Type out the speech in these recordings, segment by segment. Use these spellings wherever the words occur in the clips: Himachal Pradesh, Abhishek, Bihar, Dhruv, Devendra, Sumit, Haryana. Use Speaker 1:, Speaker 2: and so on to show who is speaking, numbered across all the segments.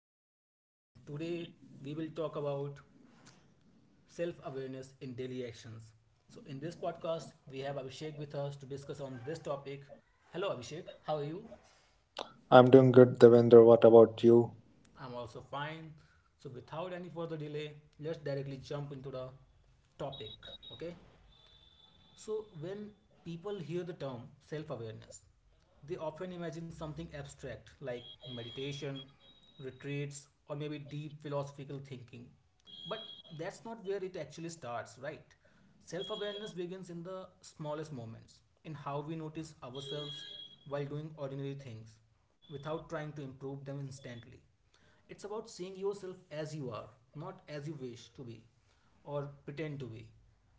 Speaker 1: again, and today we will talk about self awareness in daily actions. So, in this podcast, we have Abhishek with us to discuss on this topic. Hello, Abhishek. How are you?
Speaker 2: I'm doing good, Devendra. What about you?
Speaker 1: I'm also fine. So, without any further delay, let's directly jump into the topic. Okay. So, when people hear the term self awareness, they often imagine something abstract like meditation, retreats, or maybe deep philosophical thinking. But that's not where it actually starts, right? Self awareness begins in the smallest moments, in how we notice ourselves while doing ordinary things without trying to improve them instantly. It's about seeing yourself as you are, not as you wish to be or pretend to be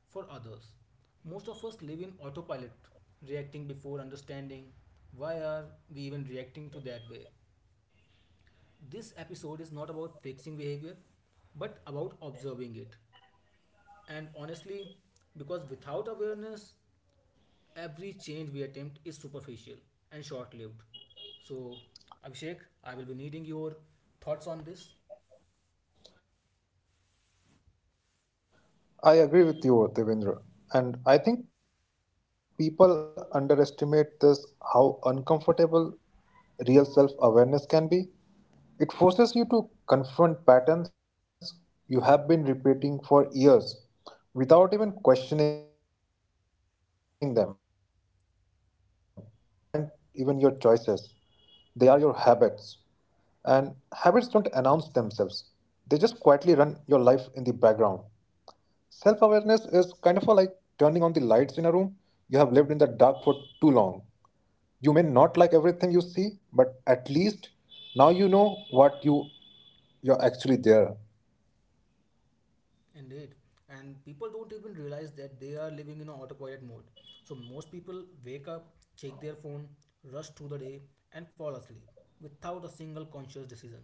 Speaker 1: for others. Most of us live in autopilot, reacting before understanding. Why are we even reacting to that way? This episode is not about fixing behavior, but about observing it. And honestly, because without awareness, every change we attempt is superficial and short lived. So, Abhishek, I will be needing your thoughts on this.
Speaker 2: I agree with you, Devendra. And I think people underestimate this, how uncomfortable real self awareness can be. It forces you to confront patterns you have been repeating for years without even questioning them. You suddenly realize that many of your actions aren't even your choices, they are your habits. And habits don't announce themselves, they just quietly run your life in the background. Self awareness is kind of a like turning on the lights in a room. You have lived in the dark for too long. You may not like everything you see, but at least now you know what you're actually there.
Speaker 1: Indeed. And people don't even realize that they are living in an autopilot mode. So most people wake up, check their phone, rush through the day, and fall asleep without a single conscious decision.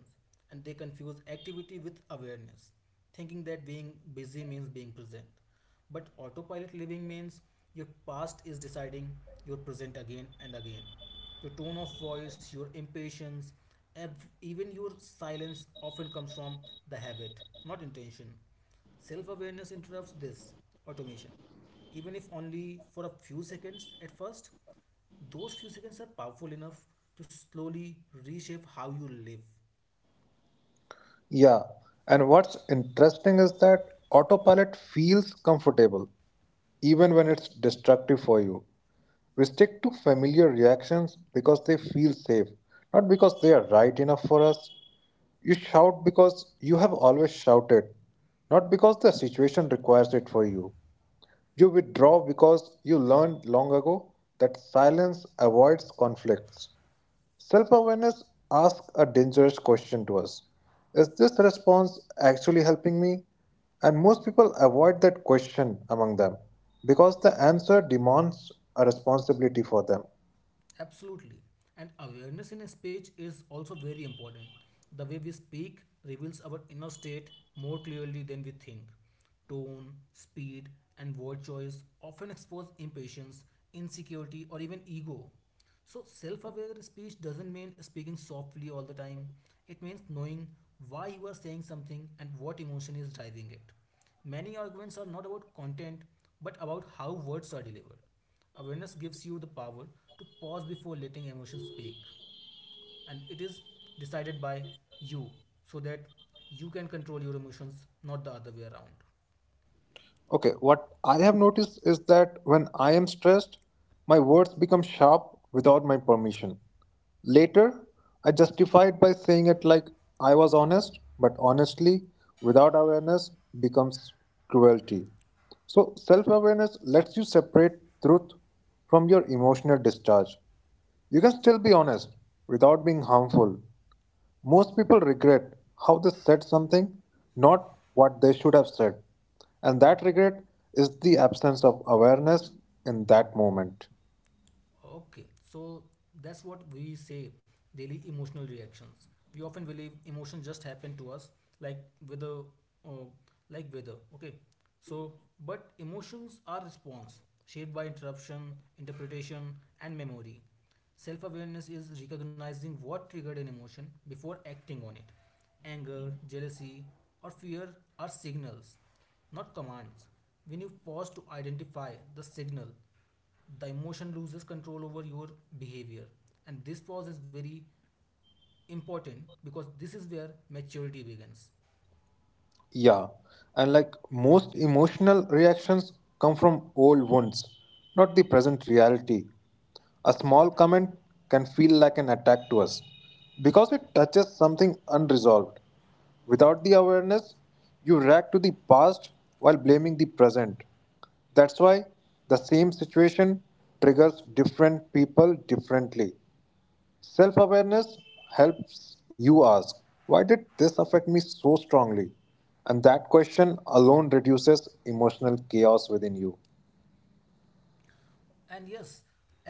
Speaker 1: And they confuse activity with awareness, thinking that being busy means being present. But autopilot living means your past is deciding your present again and again. Your tone of voice, your impatience, even your silence often comes from the habit, not intention. Self awareness interrupts this automation, even if only for a few seconds at first. Those few seconds are powerful enough to slowly reshape how you live.
Speaker 2: Yeah, and what's interesting is that autopilot feels comfortable, even when it's destructive for you. We stick to familiar reactions because they feel safe, not because they are right enough for us. You shout because you have always shouted, not because the situation requires it for you. You withdraw because you learned long ago that silence avoids conflicts. Self awareness asks a dangerous question to us: Is this response actually helping me? And most people avoid that question among them because the answer demands a responsibility for them.
Speaker 1: Absolutely. And awareness in a speech is also very important. The way we speak reveals our inner state more clearly than we think. Tone, speed, and word choice often expose impatience, insecurity, or even ego. So, self aware speech doesn't mean speaking softly all the time, it means knowing why you are saying something and what emotion is driving it. Many arguments are not about content but about how words are delivered. Awareness gives you the power to pause before letting emotions speak, and it is decided by you so that you can control your emotions, not the other way around.
Speaker 2: Okay, what I have noticed is that when I am stressed, my words become sharp without my permission. Later, I justify it by saying it like I was honest, but honestly, without awareness, becomes cruelty. So, self awareness lets you separate truth from your emotional discharge. You can still be honest without being harmful. Most people regret how they said something, not what they should have said. And that regret is the absence of awareness in that moment.
Speaker 1: Okay, so that's what we say daily emotional reactions. We often believe emotion just happen to us, like weather, uh, like weather. Okay, so but emotions are response shaped by interruption, interpretation, and memory. Self awareness is recognizing what triggered an emotion before acting on it. Anger, jealousy, or fear are signals, not commands. When you pause to identify the signal, the emotion loses control over your behavior, and this pause is very important because this is where maturity begins.
Speaker 2: Yeah, and like most emotional reactions come from old wounds, not the present reality. A small comment can feel like an attack to us because it touches something unresolved. Without the awareness, you react to the past while blaming the present. That's why the same situation triggers different people differently. Self awareness helps you ask, why did this affect me so strongly? And that question alone reduces emotional chaos within you.
Speaker 1: And yes,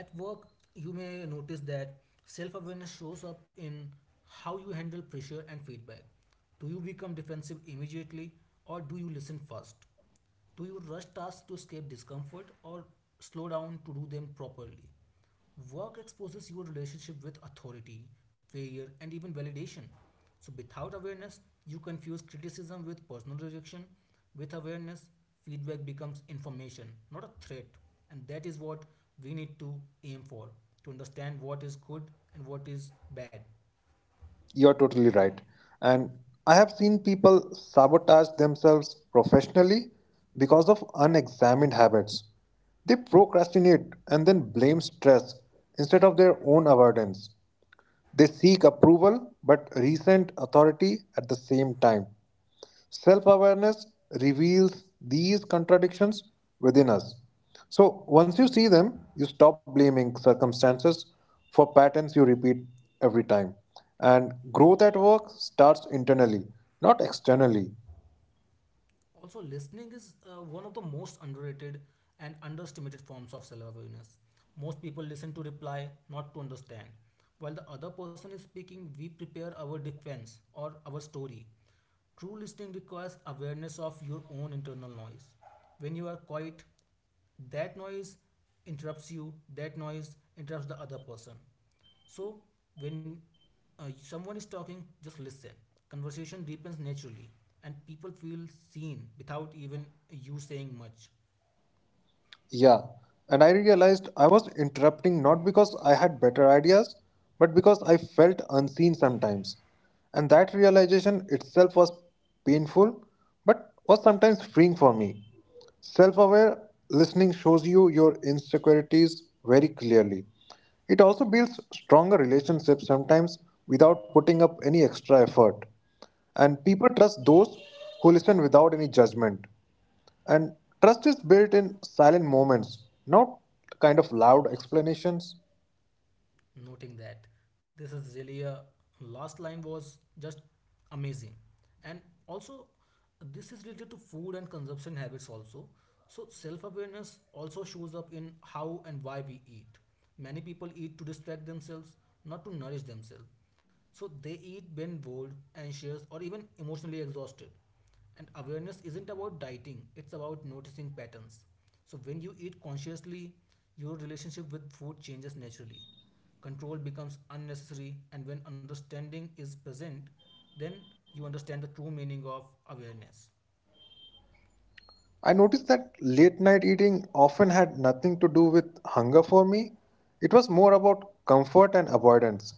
Speaker 1: at work you may notice that self-awareness shows up in how you handle pressure and feedback. Do you become defensive immediately or do you listen first? Do you rush tasks to escape discomfort or slow down to do them properly? Work exposes your relationship with authority, failure, and even validation. So, without awareness, you confuse criticism with personal rejection. With awareness, feedback becomes information, not a threat. And that is what we need to aim for to understand what is good and what is bad.
Speaker 2: You're totally right. And I have seen people sabotage themselves professionally because of unexamined habits. They procrastinate and then blame stress instead of their own avoidance. They seek approval but resent authority at the same time. Self awareness reveals these contradictions within us. So, once you see them, you stop blaming circumstances for patterns you repeat every time. And growth at work starts internally, not externally.
Speaker 1: Also, listening is one of the most underrated and underestimated forms of self awareness. Most people listen to reply, not to understand. While the other person is speaking, we prepare our defense or our story. True listening requires awareness of your own internal noise. When you are quiet, that noise that noise interrupts the other person. So when someone is talking, just listen. Conversation deepens naturally and people feel seen without even you saying much.
Speaker 2: Yeah, and I realized I was interrupting not because I had better ideas, but because I felt unseen sometimes. And that realization itself was painful, but was sometimes freeing for me. Self aware listening shows you your insecurities very clearly. It also builds stronger relationships sometimes without putting up any extra effort. And people trust those who listen without any judgment. And trust is built in silent moments, not kind of loud explanations.
Speaker 1: Noting that, this is really a, last line was just amazing. And also, this is related to food and consumption habits also. So self-awareness also shows up in how and why we eat. Many people eat to distract themselves, not to nourish themselves. So they eat when bored, anxious, or even emotionally exhausted. And awareness isn't about dieting, it's about noticing patterns. So when you eat consciously, your relationship with food changes naturally. Control becomes unnecessary, and when understanding is present, then you understand the true meaning of awareness.
Speaker 2: I noticed that late night eating often had nothing to do with hunger for me. It was more about comfort and avoidance.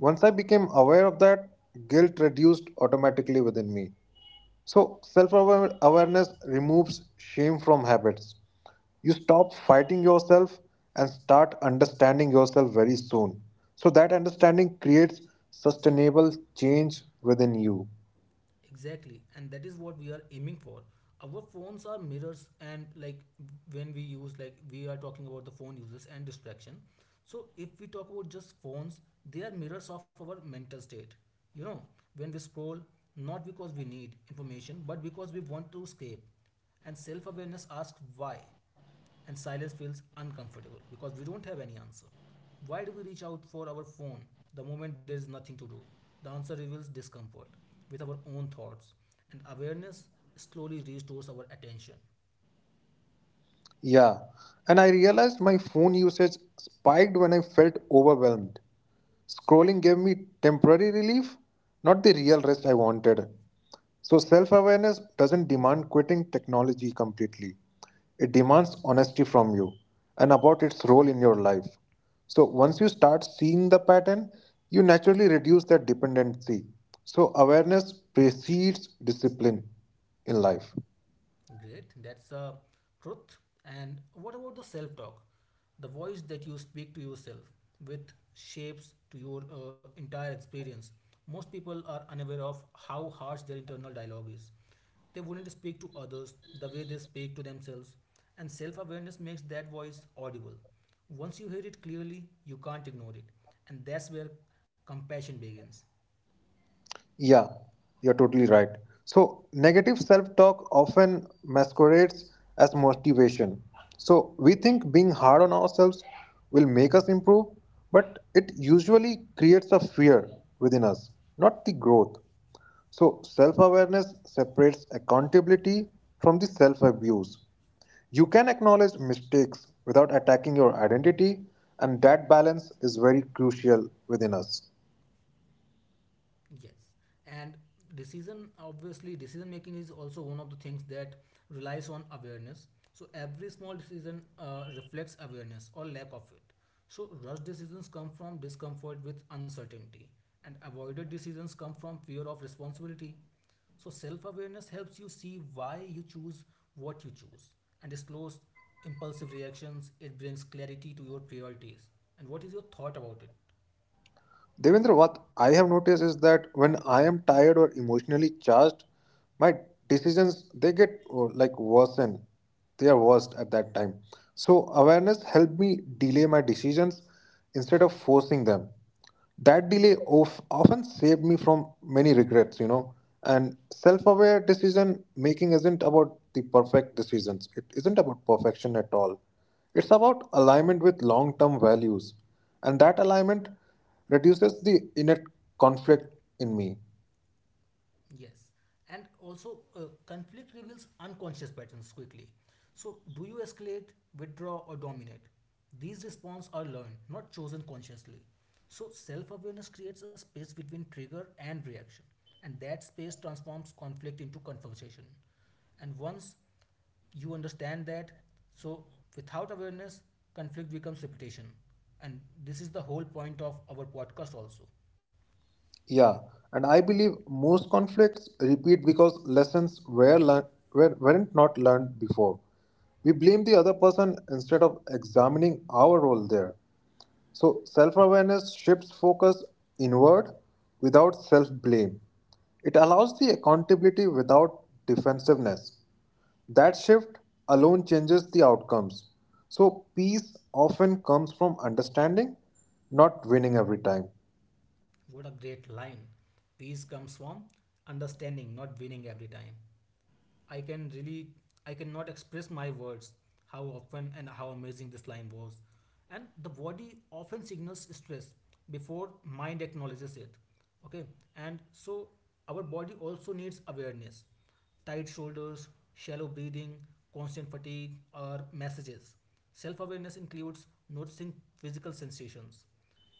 Speaker 2: Once I became aware of that, guilt reduced automatically within me. So, self awareness removes shame from habits. You stop fighting yourself and start understanding yourself very soon. So that understanding creates sustainable change within you.
Speaker 1: Exactly, and that is what we are aiming for. Our phones are mirrors, and like when we use, like we are talking about the phone uses and distraction. So, if we talk about just phones, they are mirrors of our mental state. You know, when we scroll, not because we need information, but because we want to escape. And self awareness asks why. And silence feels uncomfortable because we don't have any answer. Why do we reach out for our phone the moment there is nothing to do? The answer reveals discomfort with our own thoughts, and awareness slowly restores our attention.
Speaker 2: Yeah. And I realized my phone usage spiked when I felt overwhelmed. Scrolling gave me temporary relief, not the real rest I wanted. So, self awareness doesn't demand quitting technology completely. It demands honesty from you and about its role in your life. So, once you start seeing the pattern, you naturally reduce that dependency. So, awareness precedes discipline in life.
Speaker 1: Great, that's a truth. And what about the self talk? The voice that you speak to yourself with shapes to your entire experience. Most people are unaware of how harsh their internal dialogue is. They wouldn't speak to others the way they speak to themselves, and self awareness makes that voice audible. Once you hear it clearly, you can't ignore it, and that's where compassion begins.
Speaker 2: Yeah, you're totally right. So, negative self talk often masquerades as motivation. So, we think being hard on ourselves will make us improve, but it usually creates a fear within us, not the growth. So, self awareness separates accountability from the self abuse. You can acknowledge mistakes without attacking your identity, and that balance is very crucial within us.
Speaker 1: Yes, and decision making is also one of the things that relies on awareness. So every small decision reflects awareness or lack of it. So rush decisions come from discomfort with uncertainty, and avoided decisions come from fear of responsibility. So self awareness helps you see why you choose what you choose, and it slows impulsive reactions. It brings clarity to your priorities. And what is your thought about it?
Speaker 2: Devendra, what I have noticed is that when I am tired or emotionally charged, my decisions they get oh, like worsen. They are worst at that time. So awareness helped me delay my decisions instead of forcing them. That delay of often saved me from many regrets, you know. And self-aware decision making isn't about the perfect decisions. It isn't about perfection at all. It's about alignment with long-term values, and that alignment reduces the inner conflict in me.
Speaker 1: Yes. And also, conflict reveals unconscious patterns quickly. So, do you escalate, withdraw, or dominate? These responses are learned, not chosen consciously. So, self awareness creates a space between trigger and reaction. And that space transforms conflict into conversation. And once you understand that, so without awareness, conflict becomes repetition. And this is the whole point of our podcast, also.
Speaker 2: Yeah, and I believe most conflicts repeat because lessons were learned weren't not learned before. We blame the other person instead of examining our role there. So, self awareness shifts focus inward without self blame. It allows the accountability without defensiveness. That shift alone changes the outcomes. So, peace often comes from understanding, not winning every time.
Speaker 1: What a great line. Peace comes from understanding, not winning every time. I can really, I cannot express my words how often and how amazing this line was. And the body often signals stress before mind acknowledges it. Okay, and so our body also needs awareness. Tight shoulders, shallow breathing, constant fatigue are messages. Self awareness includes noticing physical sensations.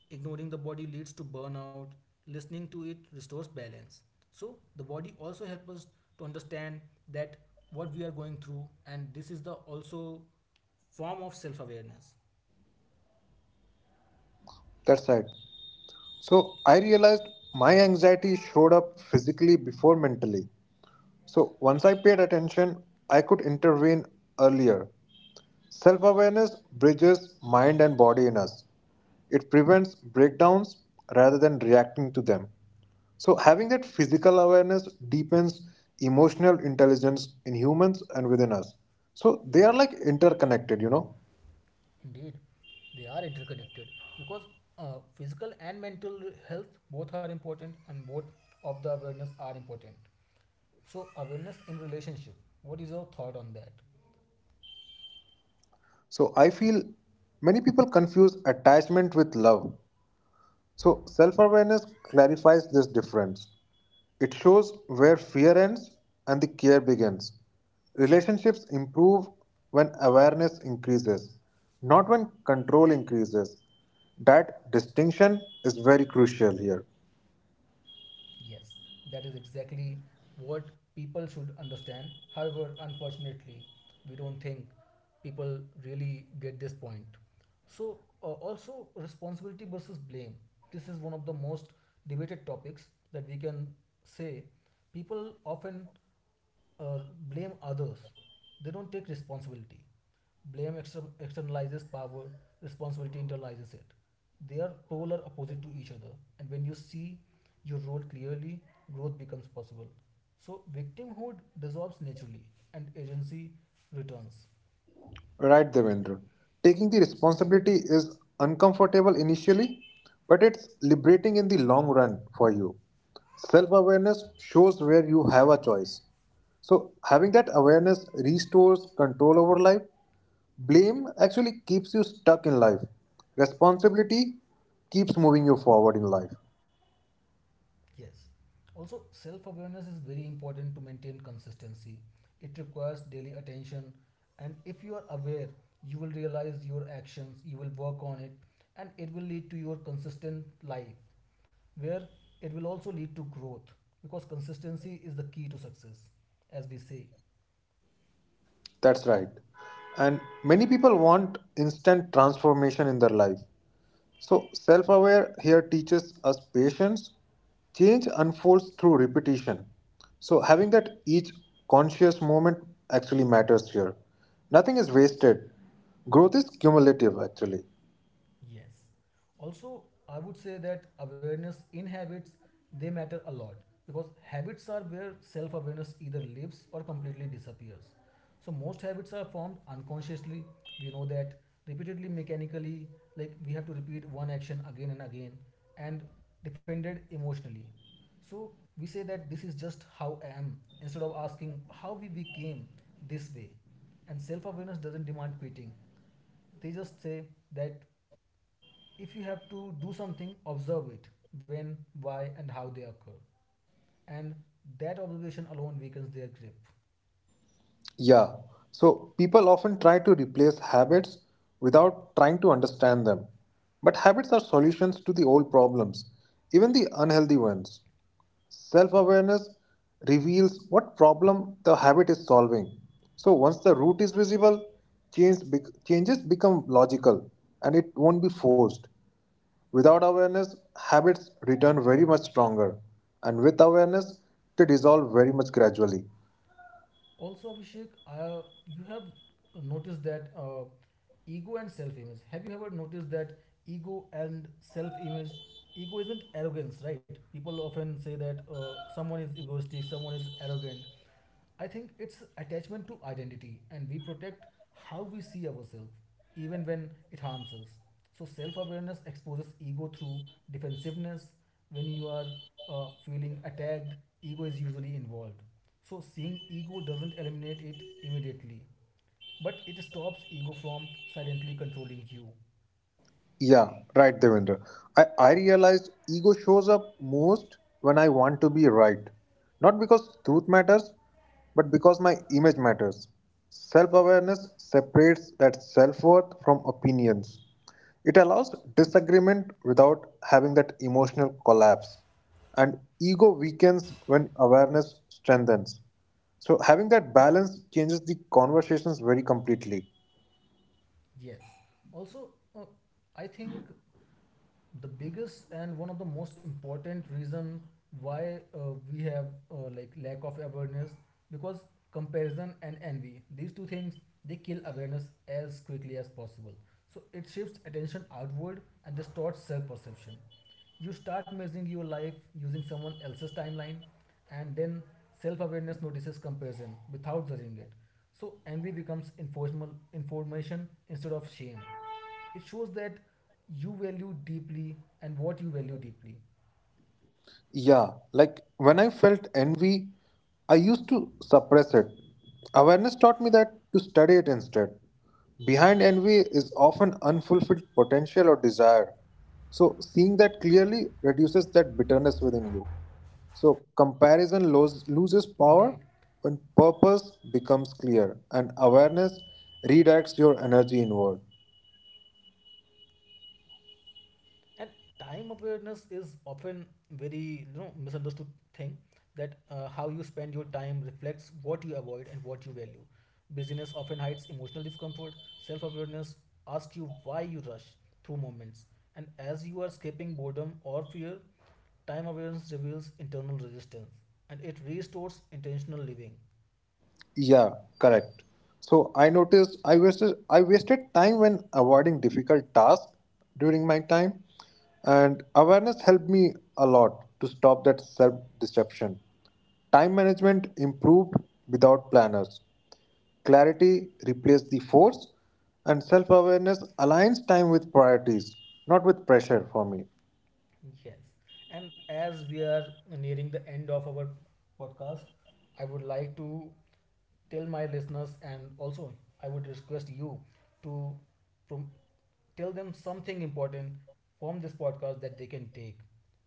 Speaker 1: Ignoring the body leads to burnout. Listening to it restores balance. So the body also helps us to understand that what we are going through, and this is the also form of self-awareness.
Speaker 2: That's right. So, I realized my anxiety showed up physically before mentally. So, once I paid attention, I could intervene earlier. Self awareness bridges mind and body in us. It prevents breakdowns rather than reacting to them. So, having that physical awareness deepens emotional intelligence in humans and within us. So, they are like interconnected, you know.
Speaker 1: Indeed, they are interconnected because physical and mental health both are important, and both of the awareness are important. So awareness in relationship. What is your thought on that?
Speaker 2: So, I feel many people confuse attachment with love. So, self awareness clarifies this difference. It shows where fear ends and the care begins. Relationships improve when awareness increases, not when control increases. That distinction is very crucial here.
Speaker 1: Yes, that is exactly what people should understand. However, unfortunately, we don't think people really get this point. So, also responsibility versus blame. This is one of the most debated topics that we can say. People often uh, blame others. They don't take responsibility. Blame externalizes power, responsibility internalizes it. They are polar opposite to each other. And when you see your role clearly, growth becomes possible. So, victimhood dissolves naturally and agency returns.
Speaker 2: Right, Devendra. Taking the responsibility is uncomfortable initially, but it's liberating in the long run for you. Self awareness shows where you have a choice. So, having that awareness restores control over life. Blame actually keeps you stuck in life. Responsibility keeps moving you forward in life.
Speaker 1: Yes. Also, self awareness is very important to maintain consistency. It requires daily attention, and if you are aware, you will realize your actions, you will work on it, and it will lead to your consistent life where it will also lead to growth because consistency is the key to success, as we say.
Speaker 2: That's right. And many people want instant transformation in their life. So, self aware here teaches us patience. Change unfolds through repetition. So, having that each conscious moment actually matters here. Nothing is wasted. Growth is cumulative, actually.
Speaker 1: Yes. Also, I would say that awareness in habits, they matter a lot because habits are where self-awareness either lives or completely disappears. So most habits are formed unconsciously. We know that repeatedly, mechanically, like we have to repeat one action again and again, and defended emotionally. So we say that this is just how I am, instead of asking how we became this way. And self-awareness doesn't demand quitting, they just say that if you have to do something, observe it when, why, and how they occur. And that observation alone weakens their grip.
Speaker 2: Yeah. So, people often try to replace habits without trying to understand them. But habits are solutions to the old problems, even the unhealthy ones. Self awareness reveals what problem the habit is solving. So once the root is visible, changes become logical and it won't be forced. Without awareness, habits return very much stronger, and with awareness, they dissolve very much gradually.
Speaker 1: Also, Abhishek, you have noticed that ego and self image. Have you ever noticed that ego and self image? Ego isn't arrogance, right? People often say that someone is egoistic, someone is arrogant. I think it's attachment to identity, and we protect how we see ourselves, even when it harms us. So, self awareness exposes ego through defensiveness. When you are feeling attacked, ego is usually involved. So, seeing ego doesn't eliminate it immediately, but it stops ego from silently controlling you.
Speaker 2: Yeah, right, Devendra. I realized ego shows up most when I want to be right. Not because truth matters, but because my image matters. Self awareness separates that self worth from opinions. It allows disagreement without having that emotional collapse. And ego weakens when awareness strengthens. So, having that balance changes the conversations very completely.
Speaker 1: Yes. Also, I think the biggest and one of the most important reason why we have, like, lack of awareness because comparison and envy, these two things, they kill awareness as quickly as possible. So it shifts attention outward and distorts self-perception. You start measuring your life using someone else's timeline, and then self-awareness notices comparison without judging it. So envy becomes informal information instead of shame. It shows that you value deeply and what you value deeply.
Speaker 2: Yeah, like when I felt envy, I used to suppress it. Awareness taught me that to study it instead. Behind envy is often unfulfilled potential or desire. So, seeing that clearly reduces that bitterness within you. So,
Speaker 1: Indeed.
Speaker 2: loses power when purpose becomes clear and awareness redirects your energy inward.
Speaker 1: And time awareness is often very, you know, misunderstood thing. That how you spend your time reflects what you avoid and what you value. Busyness often hides emotional discomfort. Self-awareness asks you why you rush through moments. And as you are escaping boredom or fear, time awareness reveals internal resistance and it restores intentional living.
Speaker 2: Yeah, correct. So I noticed I wasted time when avoiding difficult tasks during my time, and awareness helped me a lot to stop that self deception. Time management improved without planners. Clarity replaced the force, and self awareness aligns time with priorities, not with pressure for me.
Speaker 1: Yes. And as we are nearing the end of our podcast, I would like to tell my listeners and also I would request you to prom- tell them something important from this podcast that they can take.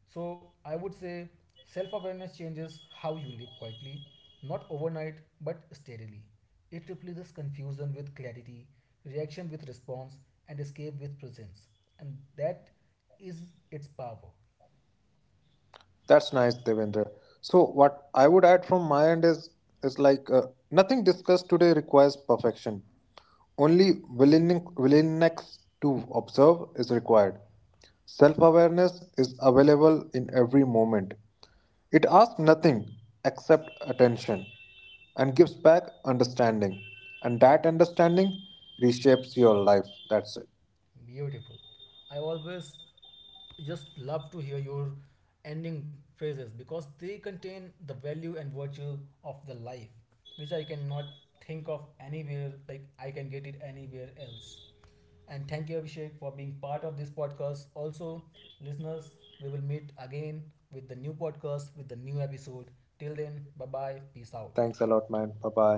Speaker 1: So I would say self awareness changes how you live quietly, not overnight but steadily. It replaces confusion with clarity, reaction with response, and escape with presence. And that is its power.
Speaker 2: That's nice, Devendra. So what I would add from my end is like nothing discussed today requires perfection. Only willingness to observe is required. Self-awareness is available in every moment. It asks nothing except attention and gives back understanding. And that understanding reshapes your life. That's it.
Speaker 1: Beautiful. I always just love to hear your ending phrases because they contain the value and virtue of the life, which I cannot think of anywhere, like I can get it anywhere else. And thank you, Abhishek, for being part of this podcast. Also, listeners, we will meet again with the new podcast, with the new episode. Till then, bye bye, peace
Speaker 2: Thanks
Speaker 1: out.
Speaker 2: a lot, man. Bye bye.